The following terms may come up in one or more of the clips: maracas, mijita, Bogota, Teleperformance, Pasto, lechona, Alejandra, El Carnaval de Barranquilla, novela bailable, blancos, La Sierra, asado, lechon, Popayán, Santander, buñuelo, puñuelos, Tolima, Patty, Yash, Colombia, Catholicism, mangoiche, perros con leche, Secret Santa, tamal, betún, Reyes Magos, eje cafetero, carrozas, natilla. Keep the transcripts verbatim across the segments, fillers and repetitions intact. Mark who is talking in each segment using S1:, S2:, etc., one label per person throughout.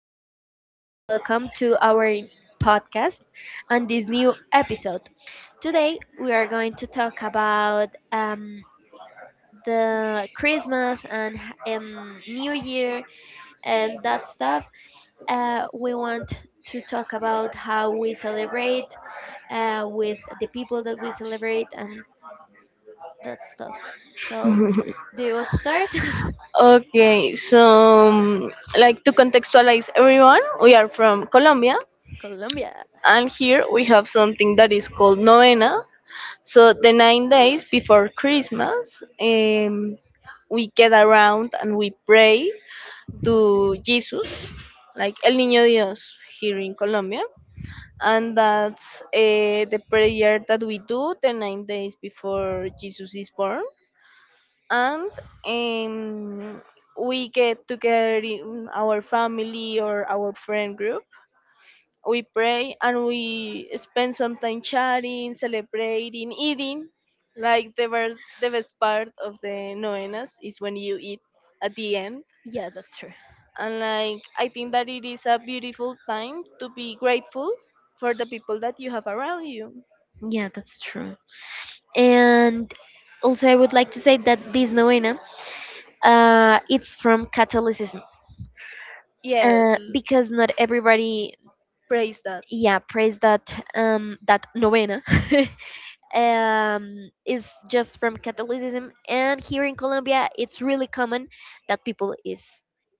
S1: Alejandra, and welcome to our podcast and this new episode. Today we are going to talk about um, the Christmas and h- um, New Year and that stuff. Uh, we want to talk about how we celebrate uh, with the people that we celebrate and that stuff. So, do you want to start?
S2: Okay, so um, like to contextualize everyone, we are from Colombia,
S1: Colombia.
S2: and here we have something that is called novena. So the nine days before Christmas, um, we get around and we pray to
S1: Mhm.
S2: Jesus, like El Niño Dios here in Colombia, and that's uh, the prayer that we do the nine days before Jesus is born and um, we get together in our family or our friend group. We pray and we spend some time chatting, celebrating, eating. Like the, ver- the best part of the novenas is when you eat at the end.
S1: Yeah, that's true.
S2: And like I think that it is a beautiful time to be grateful for the people that you have around you.
S1: Yeah, that's true. And also, I would like to say that this novena, uh, it's from Catholicism,
S2: Yes,
S1: uh,
S2: l-
S1: because not everybody,
S2: praise that.
S1: yeah, prays that um that novena, um, is just from Catholicism. And here in Colombia, it's really common that people is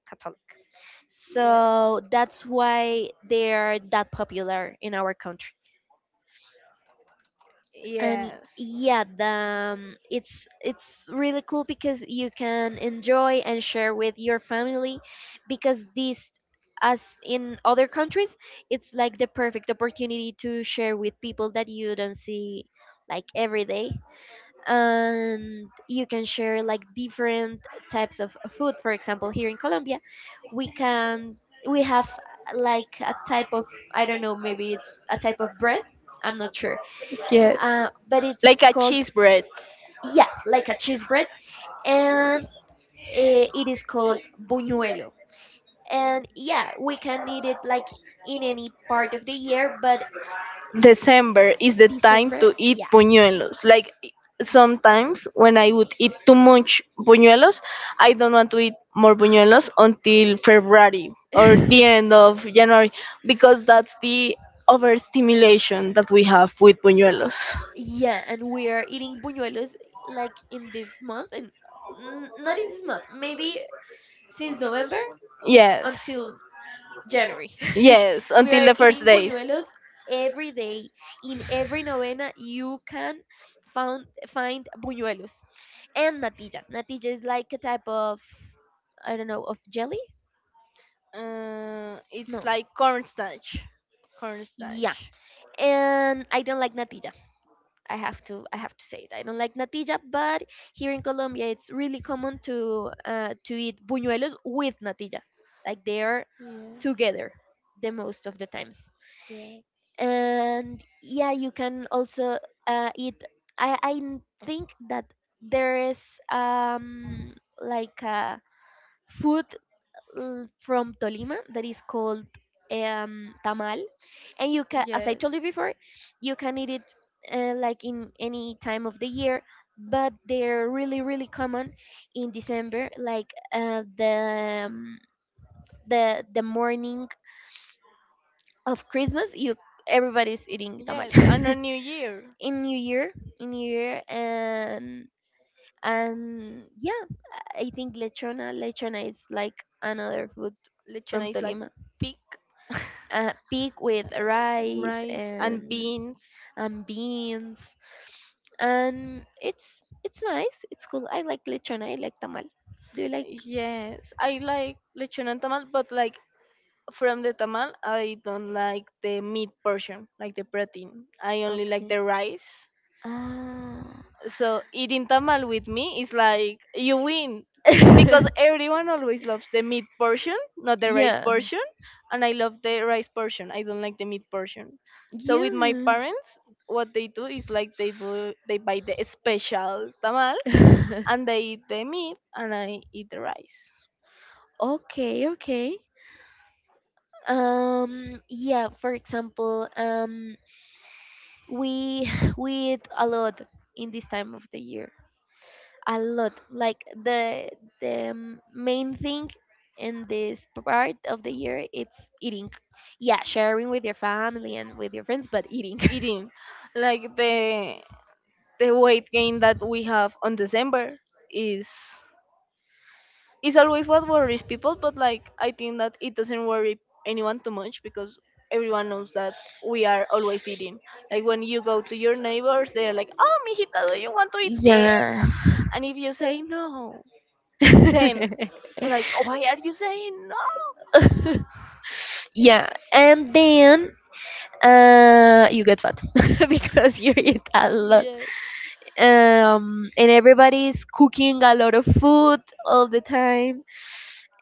S1: Catholic.
S2: Yes.
S1: So that's why they are that popular in our country. And
S2: Yes.
S1: yeah, the, um, it's it's really cool because you can enjoy and share with your family because this, as in other countries, it's like the perfect opportunity to share with people that you don't see like every day, and you can share like different types of food. For example, here in Colombia, we can we have uh, like a type of, I don't know, maybe it's a type of bread, I'm not sure,
S2: Yes.
S1: uh, but it's
S2: Like a
S1: called,
S2: cheese bread.
S1: yeah, like a cheese bread. And eh, it is called buñuelo, and yeah, we can eat it like in any part of the year but
S2: December is the time
S1: December.
S2: to eat
S1: Yeah.
S2: puñuelos. Like i- sometimes when I would eat too much puñuelos, I don't want to eat more puñuelos until February or the end of January because that's the overstimulation that we have with puñuelos.
S1: Yeah, and we are eating buñuelos like in this month and n- not in this month, maybe since November
S2: Yes.
S1: until January.
S2: Yes,
S1: We
S2: until
S1: are
S2: the first
S1: eating
S2: days.
S1: buñuelos every day. In every novena, you can found, find buñuelos and natilla. Natilla is like a type of, I don't know, of jelly?
S2: Uh, it's
S1: No.
S2: like cornstarch.
S1: Yeah,
S2: Cornstarch.
S1: and I don't like natilla. I have to I have to say it. I don't like natilla, but here in Colombia it's really common to uh, to eat buñuelos with natilla. Like they are
S2: Yeah.
S1: together the most of the times.
S2: Yeah.
S1: And yeah, you can also uh, eat. I I n- think that there is um like a food uh, from Tolima that is called um tamal, and you can,
S2: Yes.
S1: as I
S2: Yes.
S1: told you before, you can eat it uh, like in any time of the year but they're really really common in December. Like uh, the um, the the morning of Christmas, you everybody's eating tamal.
S2: Yes. And on New Year.
S1: in new year in new year, and and yeah, I think lechona lechona is like another food
S2: Lechona
S1: from
S2: is like
S1: Tolima,
S2: pig,
S1: uh, pig with rice
S2: rice, and
S1: and
S2: beans.
S1: and beans. And it's it's nice. It's cool. I like lechon. I like tamal. Do you like?
S2: Yes, I like lechona and tamal, but like from the tamal, I don't like the meat portion, like the protein. I only like
S1: Okay.
S2: the rice.
S1: Ah.
S2: So eating tamal with me is like you win because everyone always loves the meat portion, not the rice
S1: Yeah.
S2: portion, and I love the rice portion. I don't like the meat portion. So with my
S1: Yeah.
S2: parents, what they do is like they bu- they buy the special tamal and they eat the meat and I eat the rice.
S1: Okay. Okay. Um. Yeah. For example, um, we we eat a lot in this time of the year. A lot. Like the the m- main thing in this part of the year, it's eating. Yeah, sharing with your family and with your friends, but eating.
S2: Eating like the the weight gain that we have on December is it's always what worries people, but like I think that it doesn't worry anyone too much because everyone knows that we are always eating. Like when you go to your neighbors, they're like, "Oh, mijita, do you want to eat
S1: Yeah.
S2: this?" And if you say no, then like, "Oh, why are you saying no?"
S1: Yeah, and then uh you get fat because you eat a lot.
S2: Yeah.
S1: um and everybody's cooking a lot of food all the time,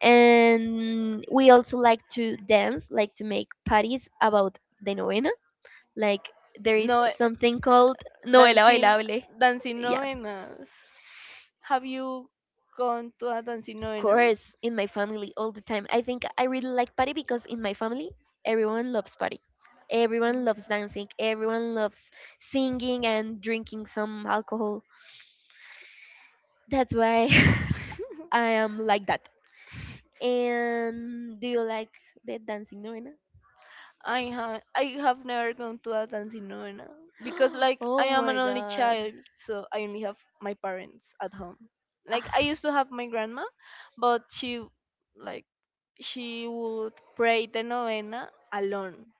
S1: and we also like to dance, like to make parties about the novena. Like there is
S2: No, eh,
S1: something called novela
S2: dancing,
S1: bailable,
S2: dancing
S1: yeah,
S2: novenas. Have you gone to a dancing
S1: of
S2: novena?
S1: course. In my family, all the time, I think I really like party because in my family everyone loves party, everyone loves dancing, everyone loves singing and drinking some alcohol. That's why I am like that. And do you like the dancing novena?
S2: I have I have never gone to a dancing novena because like I
S1: Oh
S2: am an
S1: my
S2: only
S1: god.
S2: child, so I only have my parents at home. Like
S1: Ah,
S2: I used to have my grandma, but she like she would pray the novena alone.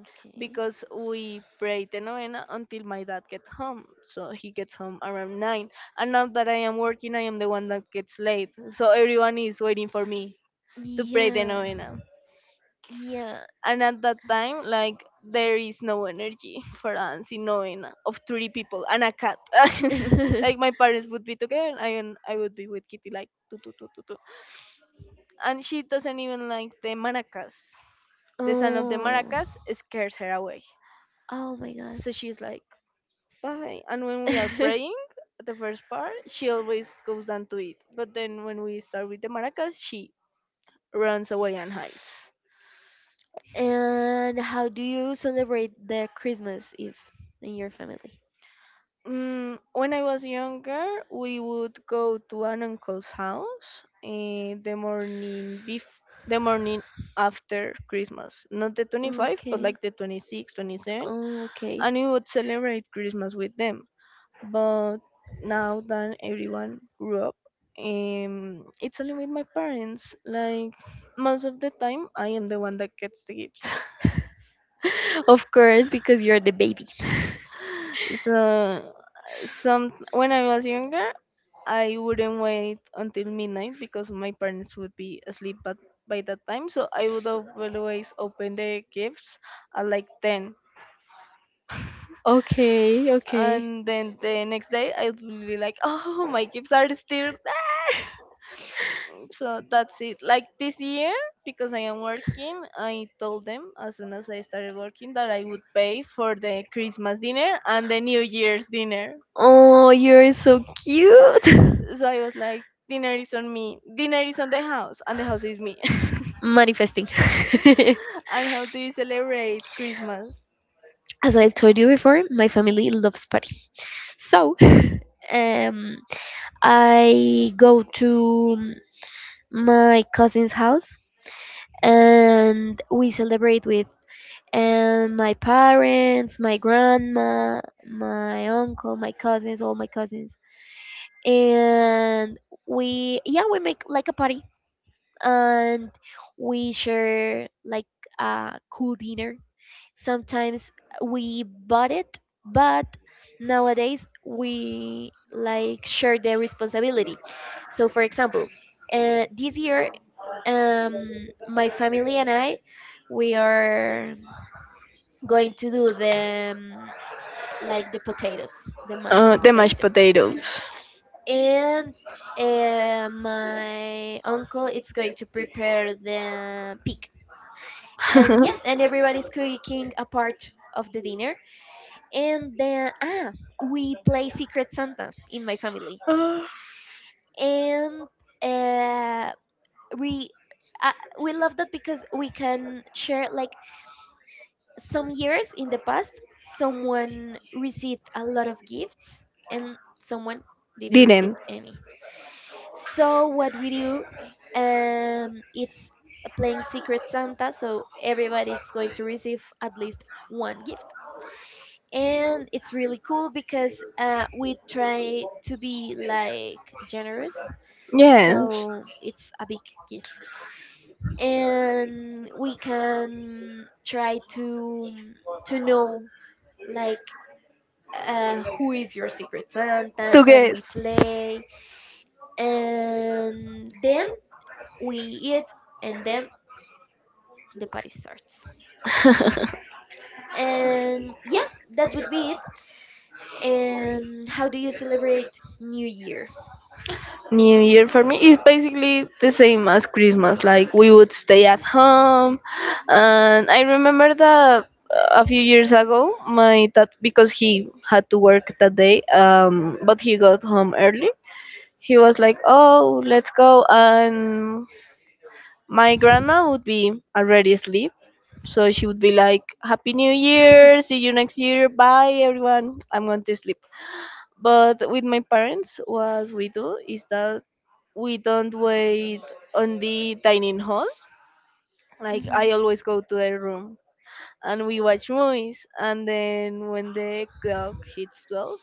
S1: okay.
S2: Because we pray the novena until my dad gets home. So he gets home around nine. And now that I am working, I am the one that gets late. So everyone is waiting for me to pray the
S1: Yeah.
S2: novena.
S1: Yeah.
S2: And at that time, like, there is no energy for dancing novena of three people and a cat. Like, my parents would be together and I and I would be with Kitty, like, tu tu tu tu tu. And she doesn't even like the maracas. The sound of the
S1: Oh.
S2: maracas scares her away.
S1: Oh my god.
S2: So she's like, bye. And when we are praying, the first part, she always goes down to it. But then when we start with the maracas, she runs away and hides.
S1: And how do you celebrate the Christmas Eve in your family?
S2: Mm, when I was younger, we would go to an uncle's house in the morning bef- the morning after Christmas. Not the twenty-fifth, but
S1: Okay.
S2: like the twenty-sixth, twenty-seventh.
S1: Oh, okay.
S2: And we would celebrate Christmas with them. But now that everyone grew up, um it's only with my parents. Like most of the time I am the one that gets the gifts.
S1: Of course, because you're the baby.
S2: So, some when I was younger, I wouldn't wait until midnight because my parents would be asleep but by that time, so I would always open the gifts at like ten,
S1: Okay, okay.
S2: and then the next day I would be like, oh, my gifts are still there. So that's it. Like this year, because I am working, I told them as soon as I started working that I would pay for the Christmas dinner and the New Year's dinner.
S1: Oh, you're so cute.
S2: So I was like, dinner is on me, dinner is on the house, and the house is me.
S1: Manifesting.
S2: And how do you celebrate Christmas?
S1: As I told you before, my family loves party. So, um, I go to my cousin's house, and we celebrate with and my parents, my grandma, my uncle, my cousins, all my cousins. And we, yeah, we make like a party, and we share like a cool dinner. Sometimes we bought it, but nowadays we like share the responsibility. So for example, uh, this year, um my family and I, we are going to do the um, like the potatoes the
S2: Uh,
S1: mashed
S2: the mashed
S1: potatoes,
S2: potatoes.
S1: and uh, my uncle is going to prepare the pig. And yeah, and everybody's cooking a part of the dinner. And then ah we play Secret Santa in my family.
S2: Uh,
S1: And uh, we uh, we love that because we can share, like, some years in the past, someone received a lot of gifts and someone didn't receive
S2: Didn't.
S1: any. So what we do, um, it's playing Secret Santa. So everybody is going to receive at least one gift, and it's really cool because uh, we try to be like generous.
S2: Yes.
S1: So it's a big gift, and we can try to to know, like, uh, who is your secret santa,
S2: To
S1: and
S2: guess.
S1: we play, and then we eat, and then the party starts. And yeah, that would be it. And how do you celebrate New Year?
S2: New Year for me is basically the same as Christmas. Like we would stay at home, and I remember that uh, a few years ago, my dad, because he had to work that day, um, but he got home early. He was like, "Oh, let's go," and my grandma would be already asleep, so she would be like, "Happy New Year! See you next year! Bye, everyone! I'm going to sleep." But with my parents, what we do is that we don't wait on the dining hall. Like I
S1: Mhm.
S2: always go to their room and we watch movies. And then when the clock hits twelve,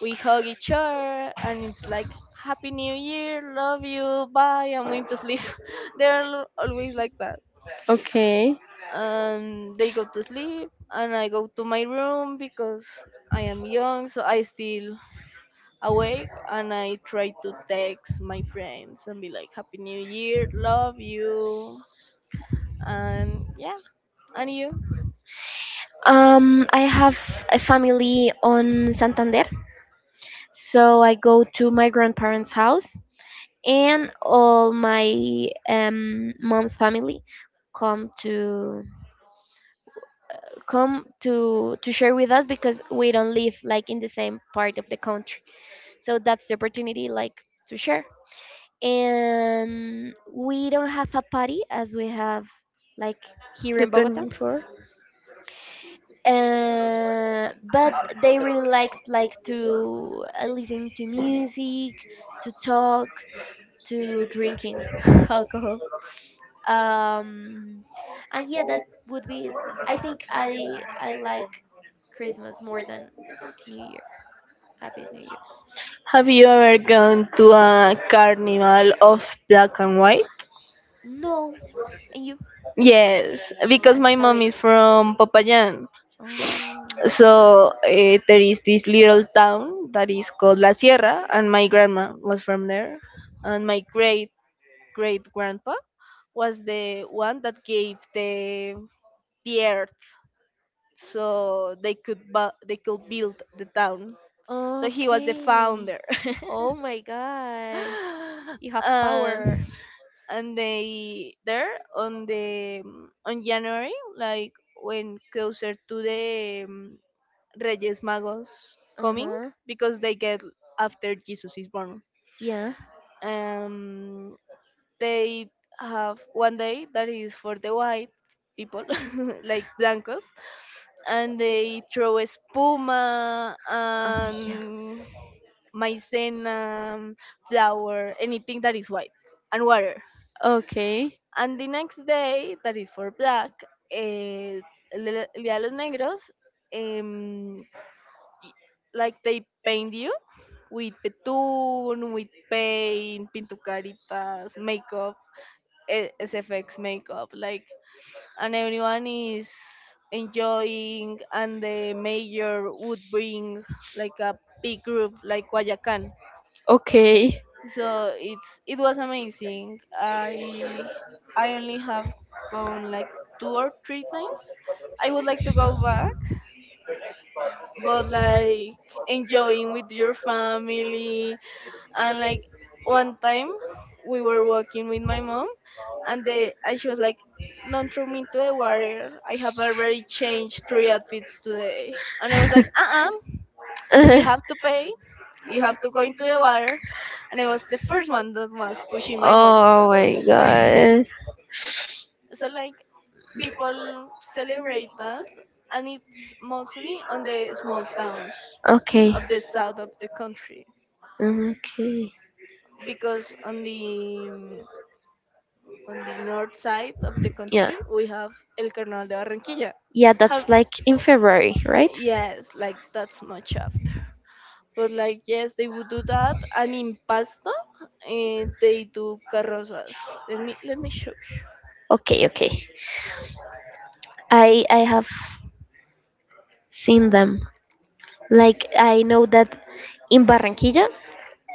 S2: we hug each other and it's like, Happy New Year, love you, bye, I'm going to sleep. They're al- always like that.
S1: Okay.
S2: And they go to sleep and I go to my room because I am young, so I still awake and I try to text my friends and be like, Happy New Year, love you. And yeah, and you?
S1: Um, I have a family on Santander, so I go to my grandparents' house, and all my um, mom's family come to, come to to share with us because we don't live like in the same part of the country. So that's the opportunity, like, to share, and we don't have a party as we have, like, here
S2: The
S1: in Bogota,
S2: twenty-fourth?
S1: uh, but they really like like to uh, listen to music, to talk, to drinking alcohol. Um and yeah, that would be it. I think i i like Christmas more than New Year. Happy New Year.
S2: Have you ever gone to a carnival of black and white?
S1: No. And you?
S2: Yes, because
S1: And
S2: my
S1: how
S2: mom
S1: it
S2: is
S1: is?
S2: from Popayán.
S1: Oh,
S2: So uh, there is this little town that is called La Sierra, and my grandma was from there, and my great great grandpa was the one that gave the the earth so they could bu- they could build the town. So he was the
S1: okay.
S2: founder.
S1: Oh my god, you have
S2: and
S1: power.
S2: and they there on the um, on January, like when closer to the um, Reyes Magos coming,
S1: Uh-huh.
S2: because they get after Jesus is born.
S1: Yeah.
S2: Um they have one day that is for the white people, like blancos, and they throw espuma
S1: Oh.
S2: and
S1: Yeah.
S2: maizena, flour, anything that is white, and water.
S1: Okay,
S2: And the next day, that is for black, eh, el Día los Negros, em, like they paint you with betún, with paint, pintucaritas, makeup, eh, S F X makeup, like, and everyone is enjoying, and the mayor would bring like a big group like Guayacan.
S1: okay.
S2: So it's it was amazing. I I only have gone like two or three times. I would like to go back, but like, enjoying with your family and like one time we were walking with my mom, and they, and she was like, don't throw me into the water, I have already changed three outfits today. And I was like, uh-uh, you have to pay, you have to go into the water. And I was the first one that was pushing my mom.
S1: Oh my god.
S2: So like, people celebrate that, and it's mostly on the small towns
S1: Okay.
S2: of the south of the country,
S1: Mm, okay.
S2: because on the on the north side of the
S1: Yeah.
S2: country we have El Carnaval de Barranquilla.
S1: Yeah, that's
S2: Have
S1: like in February, right?
S2: Yes, like that's much after. But like yes, they would do that, and in Pasto, eh, they do carrozas. Let me let me show
S1: Okay, okay. I I have seen them. Like I know that in Barranquilla,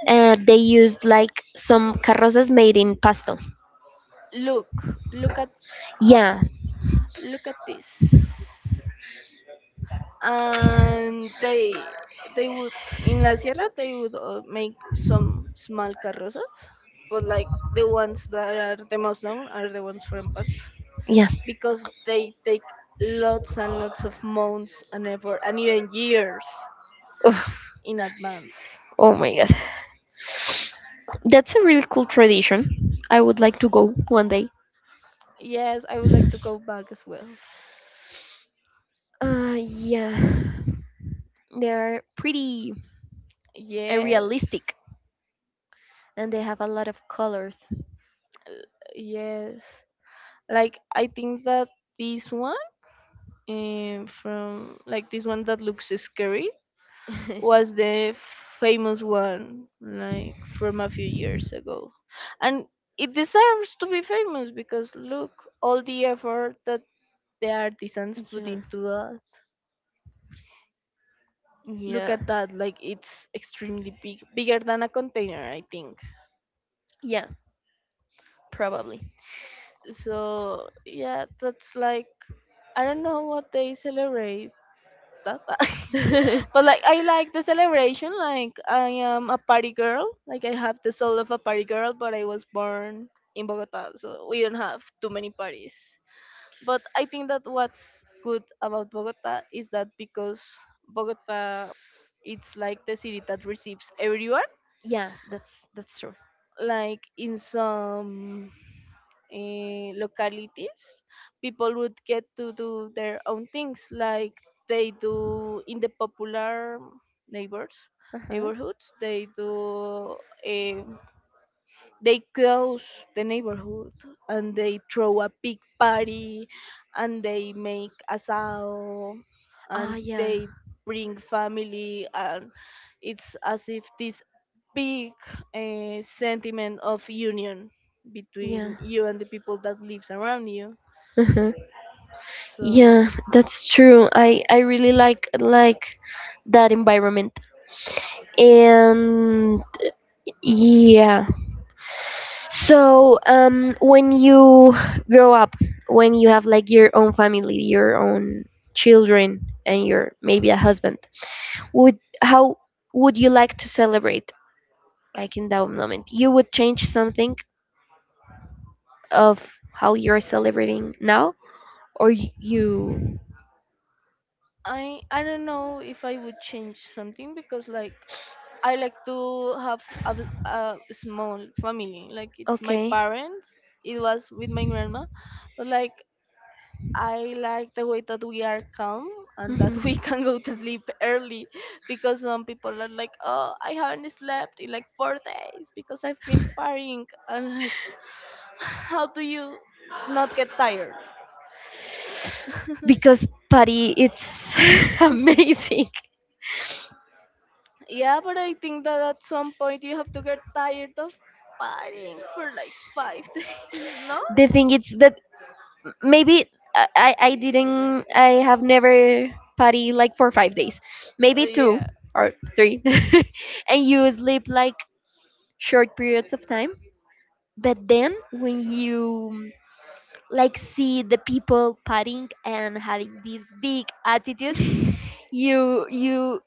S1: uh, they used like some carrozas made in Pasto.
S2: you. Look, look at, ah,
S1: Yeah,
S2: look at this. And they they would, in La Sierra they would uh, make some small carrozas, but like the ones that are the most known are the ones from Pasto,
S1: yeah.
S2: because they take lots and lots of months and effort and even years
S1: Ugh,
S2: in advance.
S1: oh my god. That's a really cool tradition. I would like to go one day.
S2: Yes, I would like to go back as well.
S1: Uh yeah. They're pretty and
S2: Yes,
S1: realistic, and they have a lot of colors.
S2: yes. Like I think that this one, um, from like this one that looks scary,
S1: Yeah.
S2: was the famous one like from a few years ago, and it deserves to be famous because look all the effort that the artisans put into that. Look
S1: Yeah.
S2: at that, like it's extremely big, bigger than a container I think.
S1: Yeah, probably.
S2: So yeah, that's like, I don't know what they celebrate that.
S1: Yeah,
S2: But like I like the celebration. Like I am a party girl. Like I have the soul of a party girl, but I was born in Bogota, so we don't have too many parties. But I think that what's good about Bogota is that, because Bogota, it's like the city that receives everyone.
S1: that's that's true.
S2: Like in some eh, localities, people would get to do their own things like they do in the popular neighbors
S1: Uh-huh.
S2: neighborhoods. They do eh, they close the neighborhood and they throw a big party and they make asado and
S1: Ah, yeah.
S2: they bring family, and it's as if this big uh, sentiment of union
S1: Yeah.
S2: between you and the people that lives around you.
S1: Uh-huh.
S2: So
S1: Yeah, that's true. I I really like like that environment. And yeah, so um when you grow up, when you have, like, your own family, your own children, and your maybe a husband, would how would you like to celebrate? Like, in that moment you would change something of how you're celebrating now, or y- you?
S2: I I don't know if I would change something because like I like to have a, v- a small family. Like it's my
S1: Okay.
S2: parents. It was with my grandma, but like I like the way that we are calm and that we
S1: Mhm.
S2: can go to sleep early, because some people are like, oh, I haven't slept in like four days because I've been partying and like, how do you not get tired?
S1: Because Patty, it's amazing.
S2: Yeah, but I think that at some point you have to get tired of partying for like five days, no?
S1: The thing is that maybe I, I I didn't, I have never party like for five days,
S2: Uh,
S1: maybe two
S2: yeah.
S1: or three. And you sleep like short periods of time. But then when you like see the people partying and having this big attitude, you you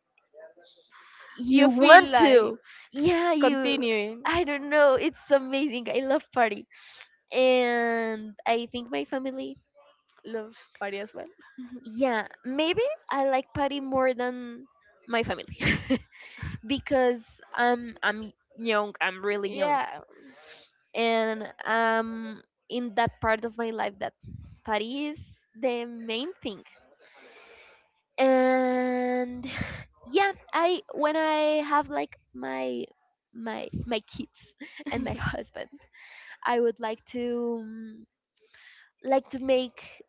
S2: You
S1: you
S2: feel
S1: want
S2: like
S1: to, yeah, you
S2: continuing.
S1: I don't know, it's amazing. I love party, and I think my family,
S2: Loves party as well.
S1: yeah, maybe I like party more than my family. Because i'm i'm young, I'm really young.
S2: Yeah.
S1: And um in that part of my life, that party is the main thing. And yeah, I when I have, like, my my my kids and my husband, I would like to, um, like, to make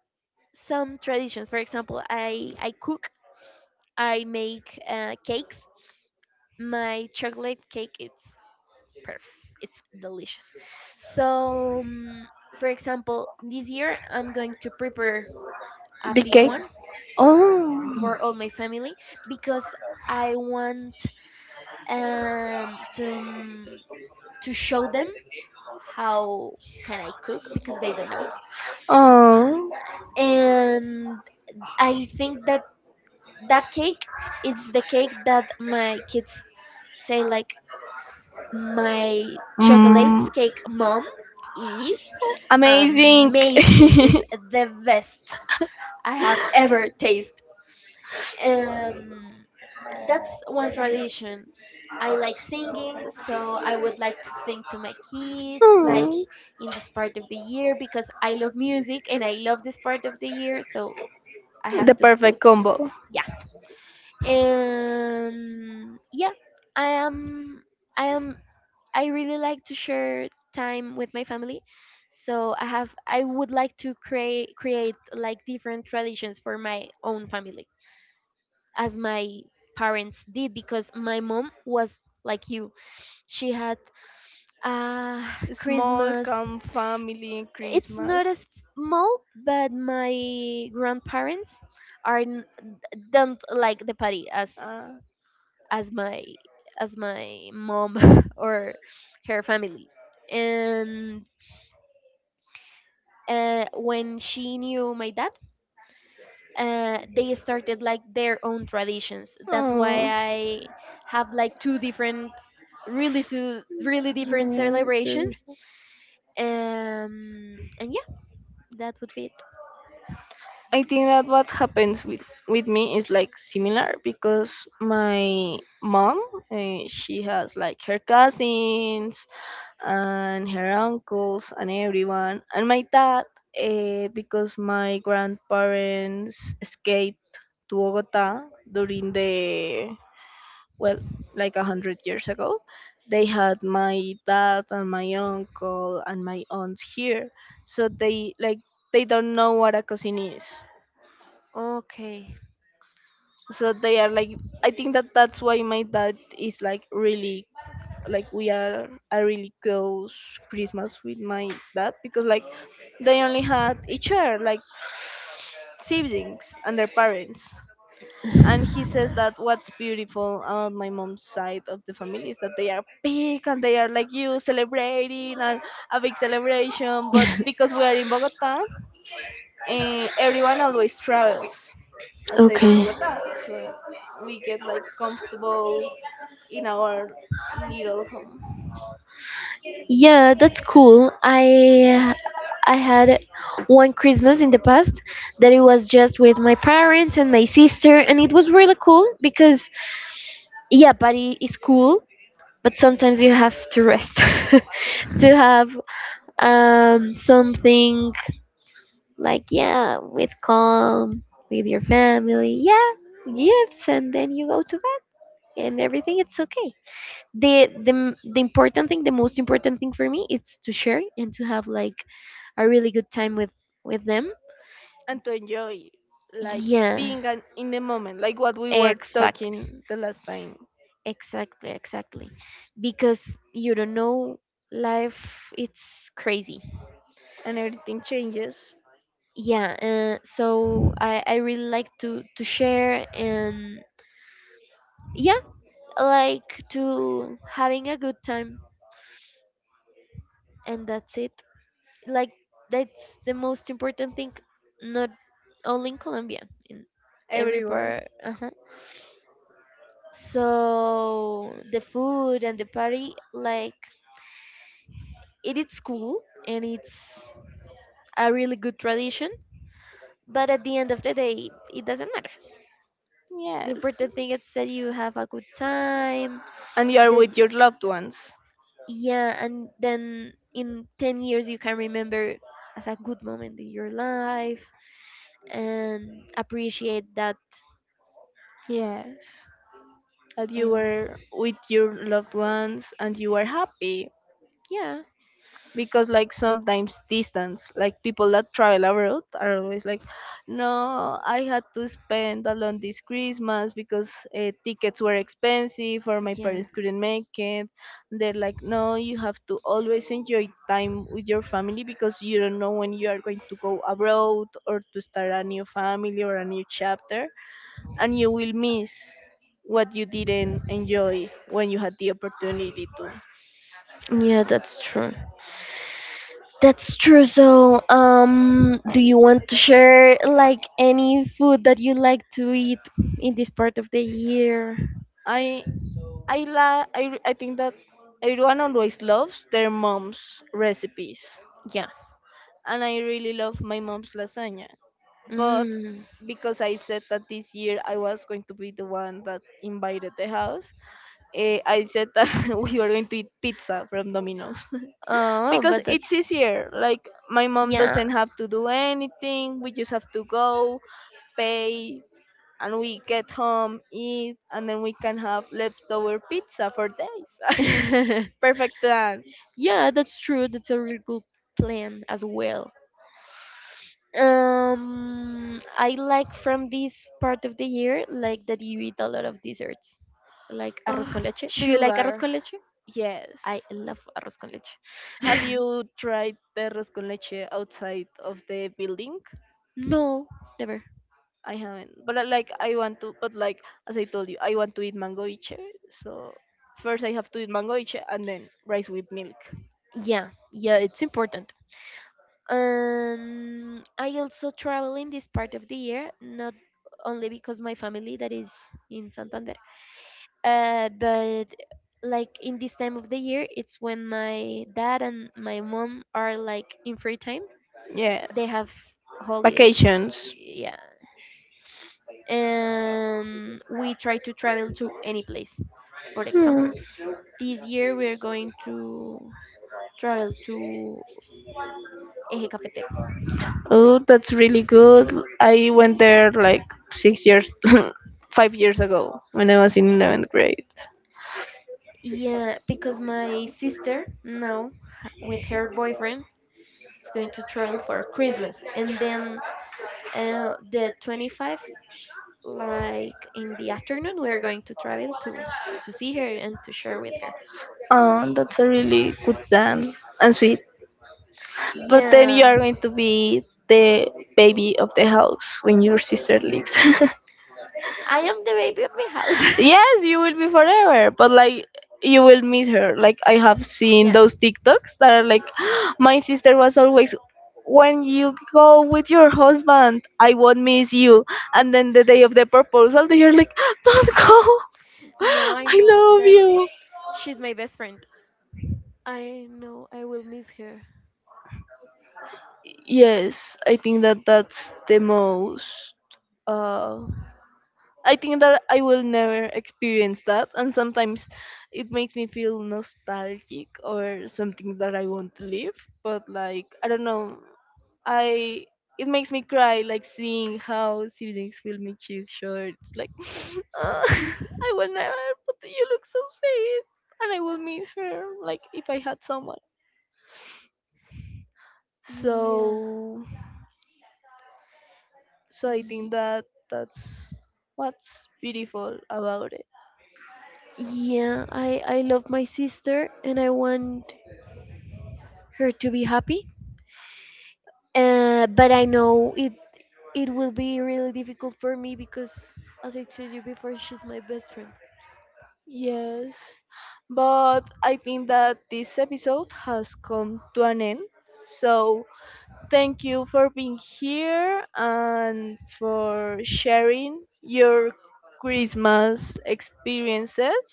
S1: some traditions. For example, i i cook, I make uh, cakes. My chocolate cake, it's perfect, it's delicious. So, um, for example, this year I'm going to prepare a big
S2: Decay.
S1: one
S2: Oh.
S1: for all my family, because I want, um to mm, to show them how can I cook, because they don't know.
S2: Oh.
S1: And I think that that cake, it's the cake that my kids say, like, "My
S2: Mm.
S1: chocolate cake, mom, is
S2: Amazing.
S1: amazing, is the best I have ever tasted." um that's one tradition. I like singing, so I would like to sing to my kids,
S2: Hmm,
S1: like, in this part of the year, because I love music and I love this part of the year, so I have
S2: The
S1: to put,
S2: perfect combo.
S1: yeah. And yeah, i am i am i really like to share time with my family. So i have I would like to create create like different traditions for my own family, as my parents did, because my mom was like you. She had uh,
S2: Small,
S1: Christmas.
S2: calm family in
S1: It's
S2: Christmas.
S1: not as small, but my grandparents are n- don't like the party as
S2: Uh,
S1: as my as my mom or her family. And uh, when she knew my dad, uh, they started like their own traditions. That's why
S2: oh.
S1: I have like two different, really two really different
S2: Yeah, so-
S1: celebrations. Um, and yeah, that would be it.
S2: I think that what happens with with me is like similar because my mom uh, she has like her cousins and her uncles and everyone, and my dad uh, because my grandparents escaped to Bogota during the, well, like a hundred years ago, they had my dad and my uncle and my aunt here, so they, like, they don't know what a cousin is.
S1: Okay.
S2: So they are like, I think that that's why my dad is like really, like, we are a really close Christmas with my dad because like they only had each other, like siblings and their parents. And he says that what's beautiful about my mom's side of the family is that they are big and they are like you, celebrating and a big celebration. But because we are in Bogota, eh, everyone always travels outside of
S1: Okay.
S2: Bogota, so we get like comfortable in our little home.
S1: Yeah, that's cool. I I had one Christmas in the past that it was just with my parents and my sister, and it was really cool because, yeah, party is cool, but sometimes you have to rest to have, um, something like, yeah, with calm, with your family, yeah,
S2: Yeah.
S1: gifts, and then you go to bed and everything, it's okay. The, the m- the important thing, the most important thing for me, it's to share and to have like a really good time with with them,
S2: And to enjoy, like,
S1: yeah.
S2: being an, in the moment, like what we were
S1: Exactly,
S2: talking the last time.
S1: exactly, exactly. Because you don't know, life, it's crazy.
S2: And everything changes.
S1: Yeah, uh, so I, I really like to, to share, and yeah, like to having a good time, and that's it. Like that's the most important thing, not only in Colombia, in every
S2: Everywhere.
S1: part. Uh-huh. So the food and the party, like, it is cool, and it's a really good tradition. But at the end of the day, it doesn't matter. The
S2: Yes.
S1: important thing is that you have a good time.
S2: And you are
S1: That
S2: with your loved ones.
S1: Yeah, and then in ten years you can remember as a good moment in your life and appreciate that.
S2: Yes, that you
S1: And
S2: were with your loved ones and you were happy.
S1: yeah,
S2: Because like sometimes distance, like people that travel abroad are always like, no, I had to spend alone this Christmas because uh, tickets were expensive or my
S1: yeah,
S2: parents couldn't make it. They're like, no, you have to always enjoy time with your family because you don't know when you are going to go abroad or to start a new family or a new chapter, and you will miss what you didn't enjoy when you had the opportunity to.
S1: yeah, that's true. That's true. So, um, do you want to share like any food that you like to eat in this part of the year?
S2: I I la I I think that everyone always loves their mom's recipes,
S1: Yeah.
S2: and I really love my mom's lasagna. But
S1: Mm.
S2: because I said that this year I was going to be the one that invited the house, eh, I said that we were going to eat pizza from Domino's.
S1: Oh,
S2: Because
S1: but that's,
S2: it's easier. Like my mom
S1: yeah.
S2: doesn't have to do anything. We just have to go, pay, and we get home, eat, and then we can have leftover pizza for days. Perfect plan.
S1: Yeah, that's true. That's a really good plan as well. Um, I like from this part of the year, like that you eat a lot of desserts, like arroz
S2: Oh,
S1: con leche. Do you like arroz
S2: sugar.
S1: con leche?
S2: Yes.
S1: I love arroz con leche.
S2: Have you tried perros con leche outside of the building?
S1: No, never.
S2: I haven't. But I, like, I want to, but like as I told you, I want to eat mangoiche. So first I have to eat mangoiche and then rice with milk.
S1: Yeah, yeah, it's important. Um, I also travel in this part of the year, not only because my family that is in Santander, uh, but like in this time of the year, it's when my dad and my mom are like in free time,
S2: All.
S1: they have holidays.
S2: Vacations.
S1: Yeah. And we try to travel to any place. For example,
S2: Example.
S1: this year we're going to travel to eje cafetero.
S2: Oh, that's really good. I went there like six years, five years ago when I was in eleventh grade.
S1: Yeah, because my sister now, h- with her boyfriend, is going to travel for Christmas. And then uh, the twenty-five, like in the afternoon, we're going to travel to to see her and to share with her,
S2: Oh, that's a really good plan and sweet. But then you
S1: yeah.
S2: are going to be the baby of the house when your sister leaves.
S1: I am the baby of my house.
S2: Yes, you will be forever, but like you will miss her. Like I have seen
S1: Yeah.
S2: those TikToks that are like, my sister was always, when you go with your husband, I won't miss you. And then the day of the proposal, they are like, don't go,
S1: No, I
S2: I
S1: know
S2: love
S1: that
S2: you.
S1: she's my best friend. I know I will miss her.
S2: Yes, I think that that's the most uh I think that I will never experience that, and sometimes it makes me feel nostalgic or something that I want to live. But like I don't know, I it makes me cry like seeing how siblings will make you shorts. Like "Ah, I will never, but you look so sweet, and I will miss her. Like if I had someone.
S1: Yeah.
S2: So so I
S1: Y-
S2: think that that's what's beautiful about it.
S1: yeah, I I love my sister and I want her to be happy. Uh, but I know it it will be really difficult for me because as I told you before, she's my best friend.
S2: Yes, but I think that this episode has come to an end. So thank you for being here and for sharing your Christmas experiences.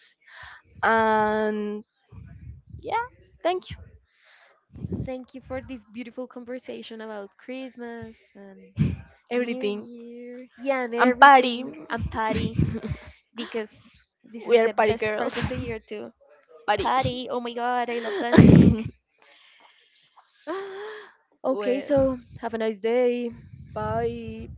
S2: And yeah, thank you.
S1: Thank you for this beautiful conversation about Christmas and New
S2: Everything.
S1: Year. Yeah, and
S2: And party.
S1: everything. I'm Patty. Because this
S2: We
S1: is
S2: are
S1: the
S2: party
S1: best
S2: girls.
S1: part of the year to
S2: Party.
S1: party. Oh my god, I love dancing. Okay,
S2: Well,
S1: so have a nice day.
S2: bye.